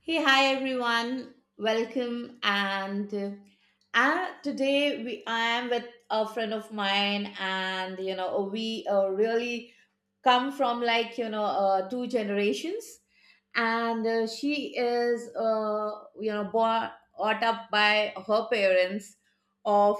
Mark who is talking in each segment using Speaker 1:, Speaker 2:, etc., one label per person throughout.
Speaker 1: Hey, hi everyone. Welcome. And today we I am with a friend of mine, and we really come from, like, two generations, and she is, born, brought up by her parents of—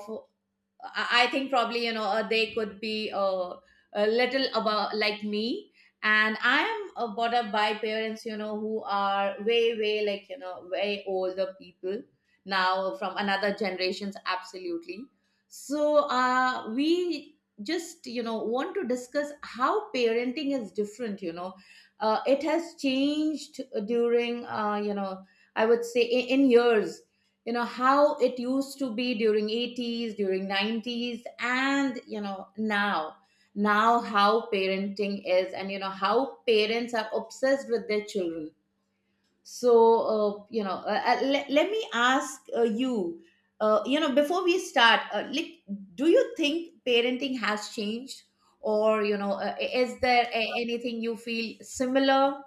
Speaker 1: I think, probably, they could be a little about like me, and I am brought up by parents, who are way way, way older people now, from another generations absolutely. So we just want to discuss how parenting is different. It has changed during, I would say in, years, how it used to be during 80s, during 90s, and now, how parenting is, and how parents are obsessed with their children. So let me ask you, you know before we start, like, do you think parenting has changed, or, is there anything you feel similar,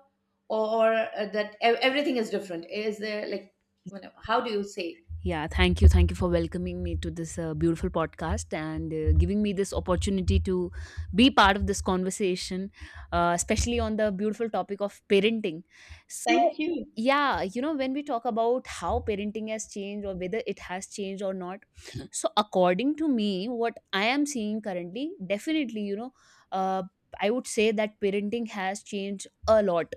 Speaker 1: or that everything is different? Is there, like, how do you say?
Speaker 2: Yeah, thank you. Thank you for welcoming me to this beautiful podcast and giving me this opportunity to be part of this conversation, especially on the beautiful topic of parenting. So,
Speaker 1: Thank you.
Speaker 2: yeah, you know, when we talk about how parenting has changed or whether it has changed or not, so according to me, what I am seeing currently, definitely, you know, uh, I would say that parenting has changed a lot.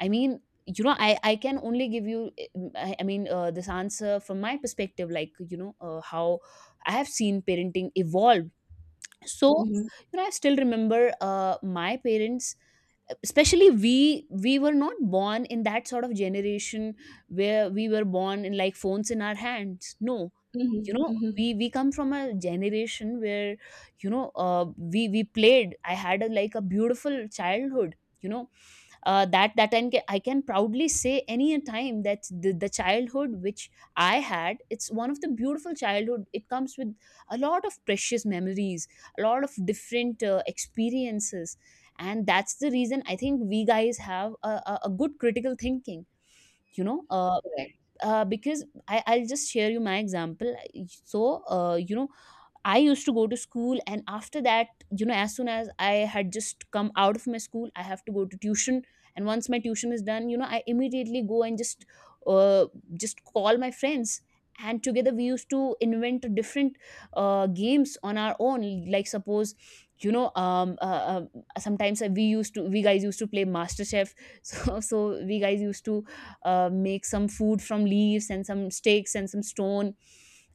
Speaker 2: I mean, you know, I can only give you, I mean, this answer from my perspective, like you know, how I have seen parenting evolve. So,
Speaker 1: Mhm.
Speaker 2: you know, I still remember my parents, especially we were not born in that sort of generation where we were born in like phones in our hands. No, you
Speaker 1: Mhm.
Speaker 2: know,
Speaker 1: Mhm.
Speaker 2: we come from a generation where you know we played. I had a, like a beautiful childhood. You know, that I can proudly say any time that the childhood which I had, it's one of the beautiful childhood. It comes with a lot of precious memories, a lot of different experiences, and that's the reason I think we guys have a good critical thinking. You know,
Speaker 1: Correct.
Speaker 2: because I, I'll just share you my example. So, you know, I used to go to school, and after that, you know, as soon as I had just come out of my school, I have to go to tuition. And once my tuition is done, you know, I immediately go and uh, just call my friends, and together we used to invent different games on our own. Like suppose, you know, sometimes we used to, we guys used to play Master Chef. So, so we guys used to make some food from leaves and some sticks and some stone,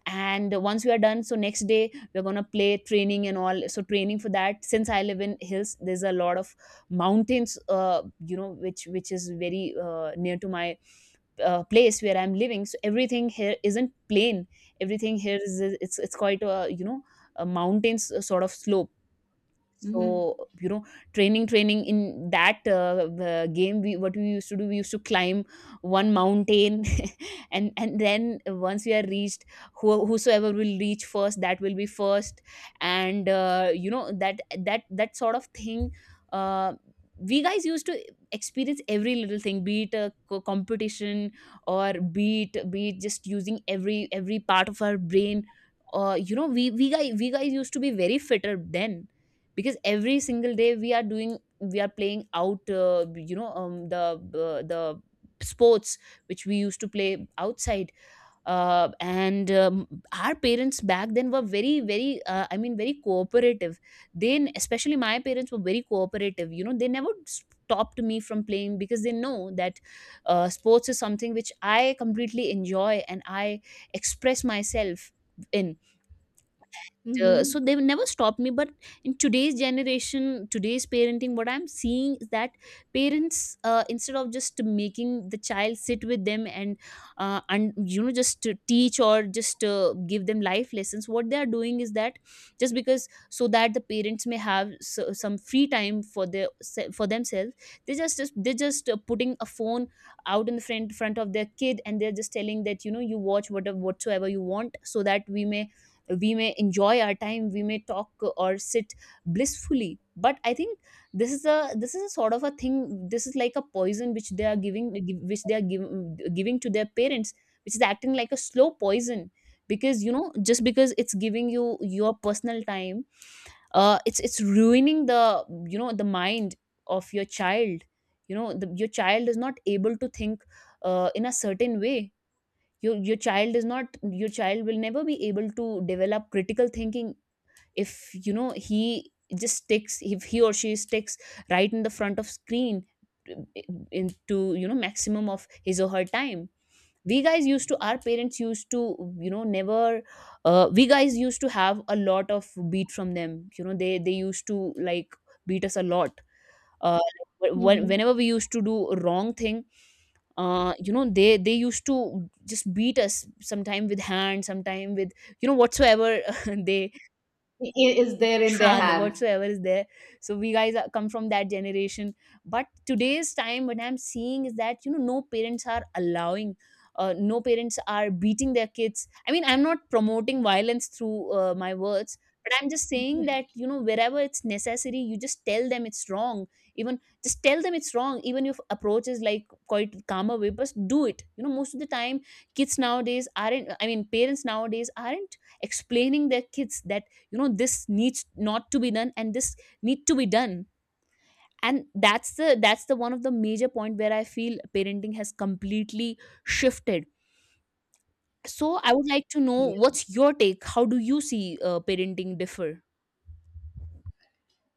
Speaker 2: and once we are done, so next day we're going to play training and all. So training for that, since I live in hills, there's a lot of mountains, you know, which is very near to my place where I'm living. So everything here isn't plain, everything here is, it's quite a, you know, a mountains sort of slope.
Speaker 1: Mhm.
Speaker 2: So, you know, training in that game, we what we used to do, we used to climb one mountain, and then once we are reached, who, whosoever will reach first, that will be first, and you know that that sort of thing. Uh, we guys used to experience every little thing, be it a competition or be it just using every part of our brain. You know, we guys used to be very fitter then, because every single day we are doing, we are playing out, you know, the sports which we used to play outside, and our parents back then were very I mean very cooperative. Then, especially my parents were very cooperative, you know, they never stopped me from playing, because they know that sports is something which I completely enjoy and I express myself in.
Speaker 1: Mhm.
Speaker 2: So they never stopped me, but in today's generation, today's parenting, what I'm seeing is that parents, instead of just making the child sit with them and you know just to teach or just give them life lessons, what they are doing is that, just because so that the parents may have so, some free time for their for themselves, they just they're just putting a phone out in the front of their kid, and they're just telling that you know you watch whatever whatsoever you want, so that we may, we may enjoy our time, we may talk or sit blissfully. But I think this is a, this is a sort of a thing, this is like a poison which they are giving, which they are giving to their parents, which is acting like a slow poison. Because you know, just because it's giving you your personal time, it's ruining the, you know, the mind of your child. You know the, your child is not able to think in a certain way. Your child is not, your child will never be able to develop critical thinking if, you know, he just sticks, if he or she sticks right in the front of screen into, you know, maximum of his or her time. We guys used to, our parents used to, you know, never, we guys used to have a lot of beat from them. You know, they used to like beat us a lot, uh,
Speaker 1: Mhm.
Speaker 2: whenever we used to do a wrong thing. You know, they used to just beat us sometime with hand, sometime with, you know, whatsoever they
Speaker 1: I- Is there in their
Speaker 2: yeah, the
Speaker 1: hand.
Speaker 2: whatsoever is there. So we guys are, come from that generation. But today's time, what I'm seeing is that you know, no parents are allowing. No parents are beating their kids. I mean, I'm not promoting violence through my words, but I'm just saying that you know, wherever it's necessary, you just tell them it's wrong. Even just tell them it's wrong. Even if approach is like quite calmer way, but do it. You know, most of the time, kids nowadays aren't. I mean, parents nowadays aren't explaining their kids that you know this needs not to be done and this need to be done. And that's the, that's the one of the major point where I feel parenting has completely shifted. So I would like to know what's your take, how do you see parenting differ.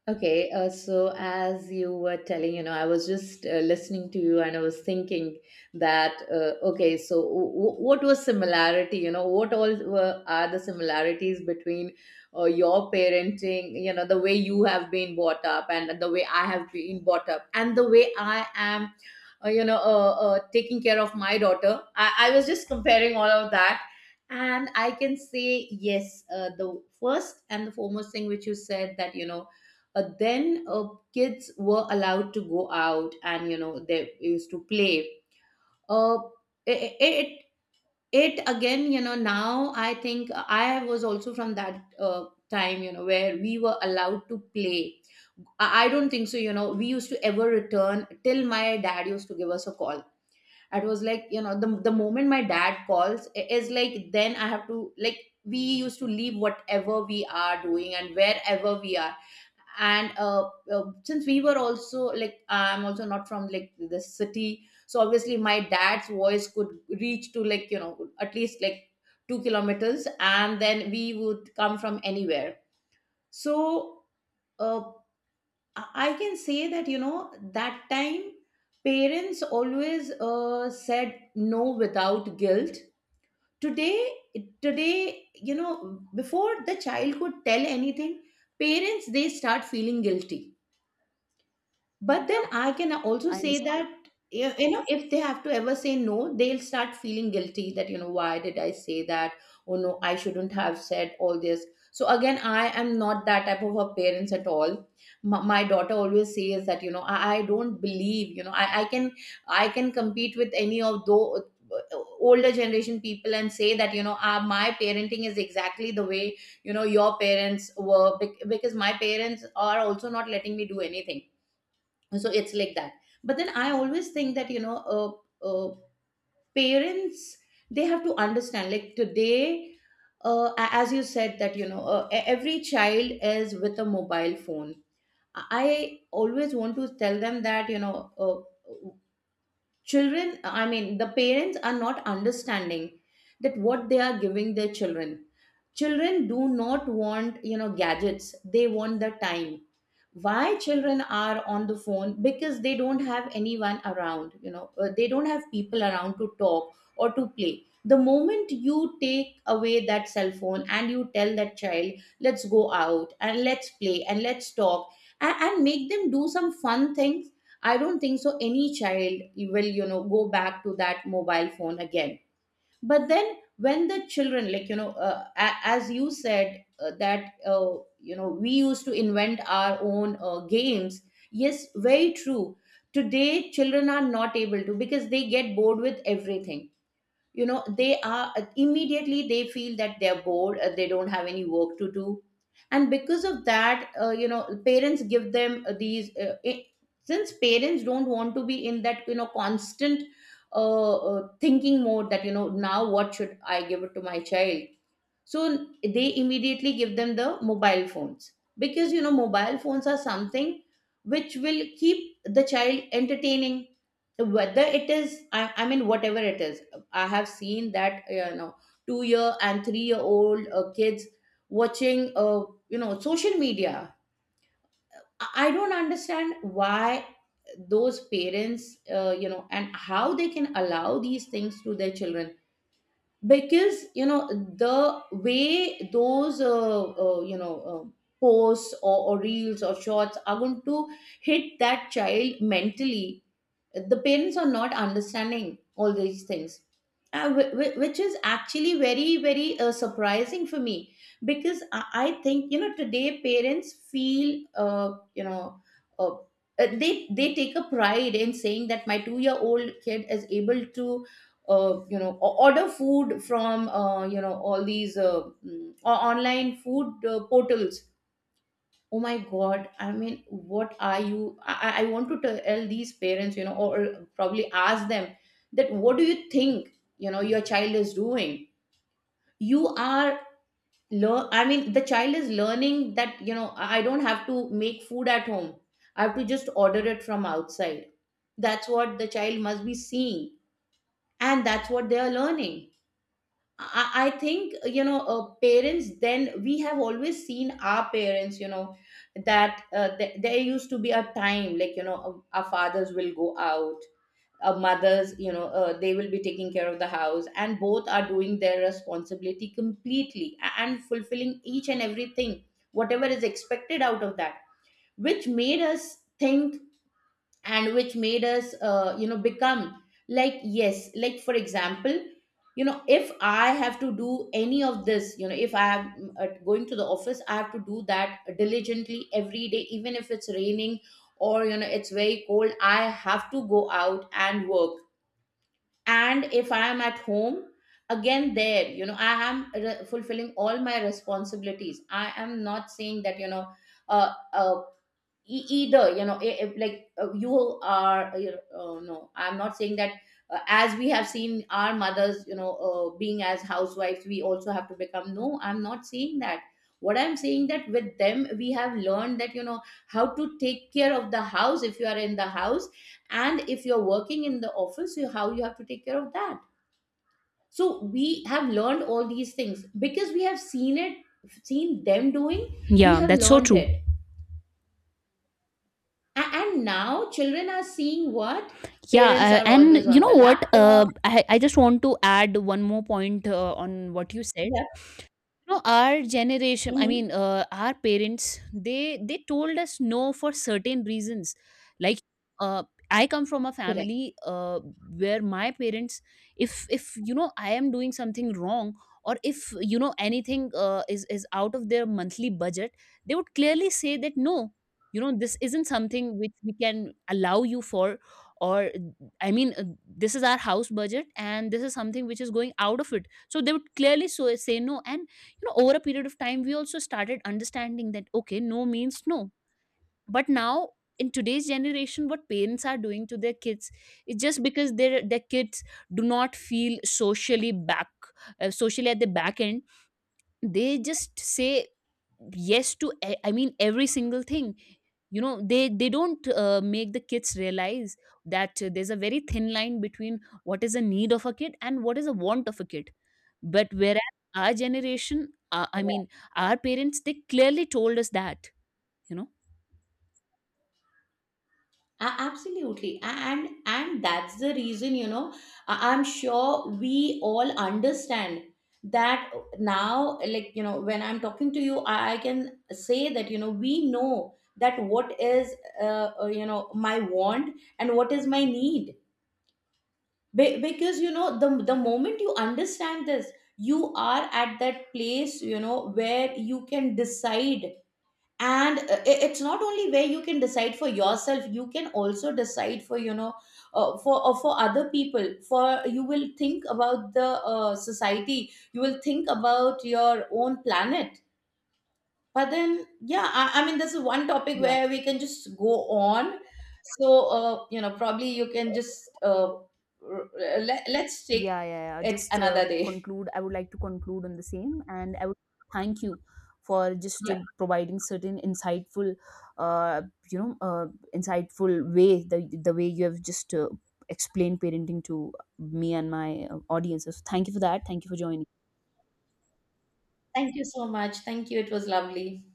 Speaker 1: Okay, so as you were telling, you know, I was just listening to you, and I was thinking that, okay, so what was similarity, you know, what all are the similarities between your parenting, you know, the way you have been brought up and the way I have been brought up and the way I am, taking care of my daughter. I was just comparing all of that. And I can say, yes, the first and the foremost thing which you said that, then kids were allowed to go out, and they used to play, uh, it, it again. Now I think I was also from that time, where we were allowed to play. I don't think so. You know, we used to ever return till my dad used to give us a call. It was like, you know, the moment my dad calls, is like, then I have to, like, we used to leave whatever we are doing and wherever we are. And since we were also like— I'm also not from like the city. So obviously my dad's voice could reach to, like, at least like, 2 kilometers, and then we would come from anywhere. So uh, i I can say that, that time parents always said no without guilt. Today, today you know before the child could tell anything, parents, they start feeling guilty. But then I can also
Speaker 2: I
Speaker 1: say
Speaker 2: understand.
Speaker 1: that, you know, if they have to ever say no, they'll start feeling guilty that, why did I say that? Oh no, I shouldn't have said all this. So again, I am not that type of a parents at all. My daughter always says that, you know, I don't believe, you know, I can compete with any of those older generation people and say that, ah, my parenting is exactly the way, your parents were, because my parents are also not letting me do anything. So it's like that. But then I always think that, uh, parents, they have to understand, like, today, as you said that, every child is with a mobile phone. I always want to tell them that, uh, children— I mean, the parents are not understanding that what they are giving their children. Children do not want, gadgets. They want the time. Why children are on the phone? Because they don't have anyone around. They don't have people around to talk or to play. The moment you take away that cell phone and you tell that child, let's go out and let's play and let's talk, and make them do some fun things, I don't think so any child will, go back to that mobile phone again. But then when the children, like, as you said, that you know we used to invent our own games. Yes, very true. Today children are not able to because they get bored with everything. You know, they are, immediately they feel that they're bored, they don't have any work to do. And because of that, parents give them, since parents don't want to be in that, you know, constant, thinking mode that, you know, now what should I give it to my child. So they immediately give them the mobile phones, because, you know, mobile phones are something which will keep the child entertaining, whether it is— I mean, whatever it is. I have seen that, you know, 2-year and 3-year old kids watching, social media. I don't understand why those parents, and how, they can allow these things to their children. Because, you know, the way those, posts, or reels or shorts, are going to hit that child mentally, the parents are not understanding all these things, which is actually very very surprising for me. Because I think, you know, today parents feel, uh, they take a pride in saying that my 2-year old kid is able to, order food from, all these online food portals. Oh my god! I mean, what are you— I want to tell these parents, you know, or probably ask them, that, what do you think, your child is doing? You are learn— I mean, the child is learning that, I don't have to make food at home, I have to just order it from outside. That's what the child must be seeing, and that's what they are learning. I think, parents then, we have always seen our parents, that there used to be a time, like, our fathers will go out, our mothers, they will be taking care of the house, and both are doing their responsibility completely and fulfilling each and everything whatever is expected out of that. Which made us think, and which made us, become, like, yes, like for example, if I have to do any of this, if I am, going to the office, I have to do that diligently every day, even if it's raining or, it's very cold, I have to go out and work. And if I am at home, again, there, I am fulfilling all my responsibilities. I am not saying that, uh, uh, either, if, like, you are, oh, no, I'm not saying that, as we have seen our mothers, being as housewives, we also have to become. No, I'm not saying that. What I'm saying that, with them, we have learned that, how to take care of the house if you are in the house, and if you're working in the office, how you have to take care of that. So we have learned all these things, because we have seen it, seen them doing, we
Speaker 2: Yeah,
Speaker 1: have
Speaker 2: that's so
Speaker 1: learned
Speaker 2: true.
Speaker 1: it. And now children are seeing what?
Speaker 2: Yeah,
Speaker 1: Parents are always
Speaker 2: and you
Speaker 1: on
Speaker 2: know
Speaker 1: the
Speaker 2: what,
Speaker 1: laptop.
Speaker 2: I just want to add one more point on what you said.
Speaker 1: Yeah.
Speaker 2: You know, our generation, I mean,
Speaker 1: Mhm.
Speaker 2: our parents, they told us no for certain reasons. Like, uh, I come from a
Speaker 1: Correct.
Speaker 2: family where my parents, if you know I am doing something wrong, or if you know anything is out of their monthly budget, they would clearly say that no, you know, this isn't something which we can allow you for, or I mean, this is our house budget and this is something which is going out of it. So they would clearly so say no, and you know over a period of time we also started understanding that okay, no means no. But now in today's generation what parents are doing to their kids is, just because their kids do not feel socially back, socially at the back end, they just say yes to I mean every single thing. You know, they don't make the kids realize that there's a very thin line between what is a need of a kid and what is a want of a kid. But whereas our generation, I
Speaker 1: Correct.
Speaker 2: mean our parents, they clearly told us that, you know,
Speaker 1: Absolutely. And that's the reason, you know, I'm sure we all understand that, now, like, you know, when I'm talking to you, I can say that, you know, we know that what is, my want and what is my need. Because, you know, the moment you understand this, you are at that place, you know, where you can decide. And it's not only where you can decide for yourself, you can also decide for, for other people, for— you will think about the, society, you will think about your own planet. But then, yeah, I mean, this is one topic
Speaker 2: yeah.
Speaker 1: where we can just go on. So, probably you can just let's take
Speaker 2: Yeah, yeah, yeah.
Speaker 1: it
Speaker 2: Just
Speaker 1: another day.
Speaker 2: conclude. I would like to conclude on the same, and I would thank you for just
Speaker 1: Yeah.
Speaker 2: providing certain insightful, uh, you know, insightful way the way you have just explained parenting to me and my audiences. Thank you for that. Thank you for joining.
Speaker 1: Thank you so much. Thank you. It was lovely.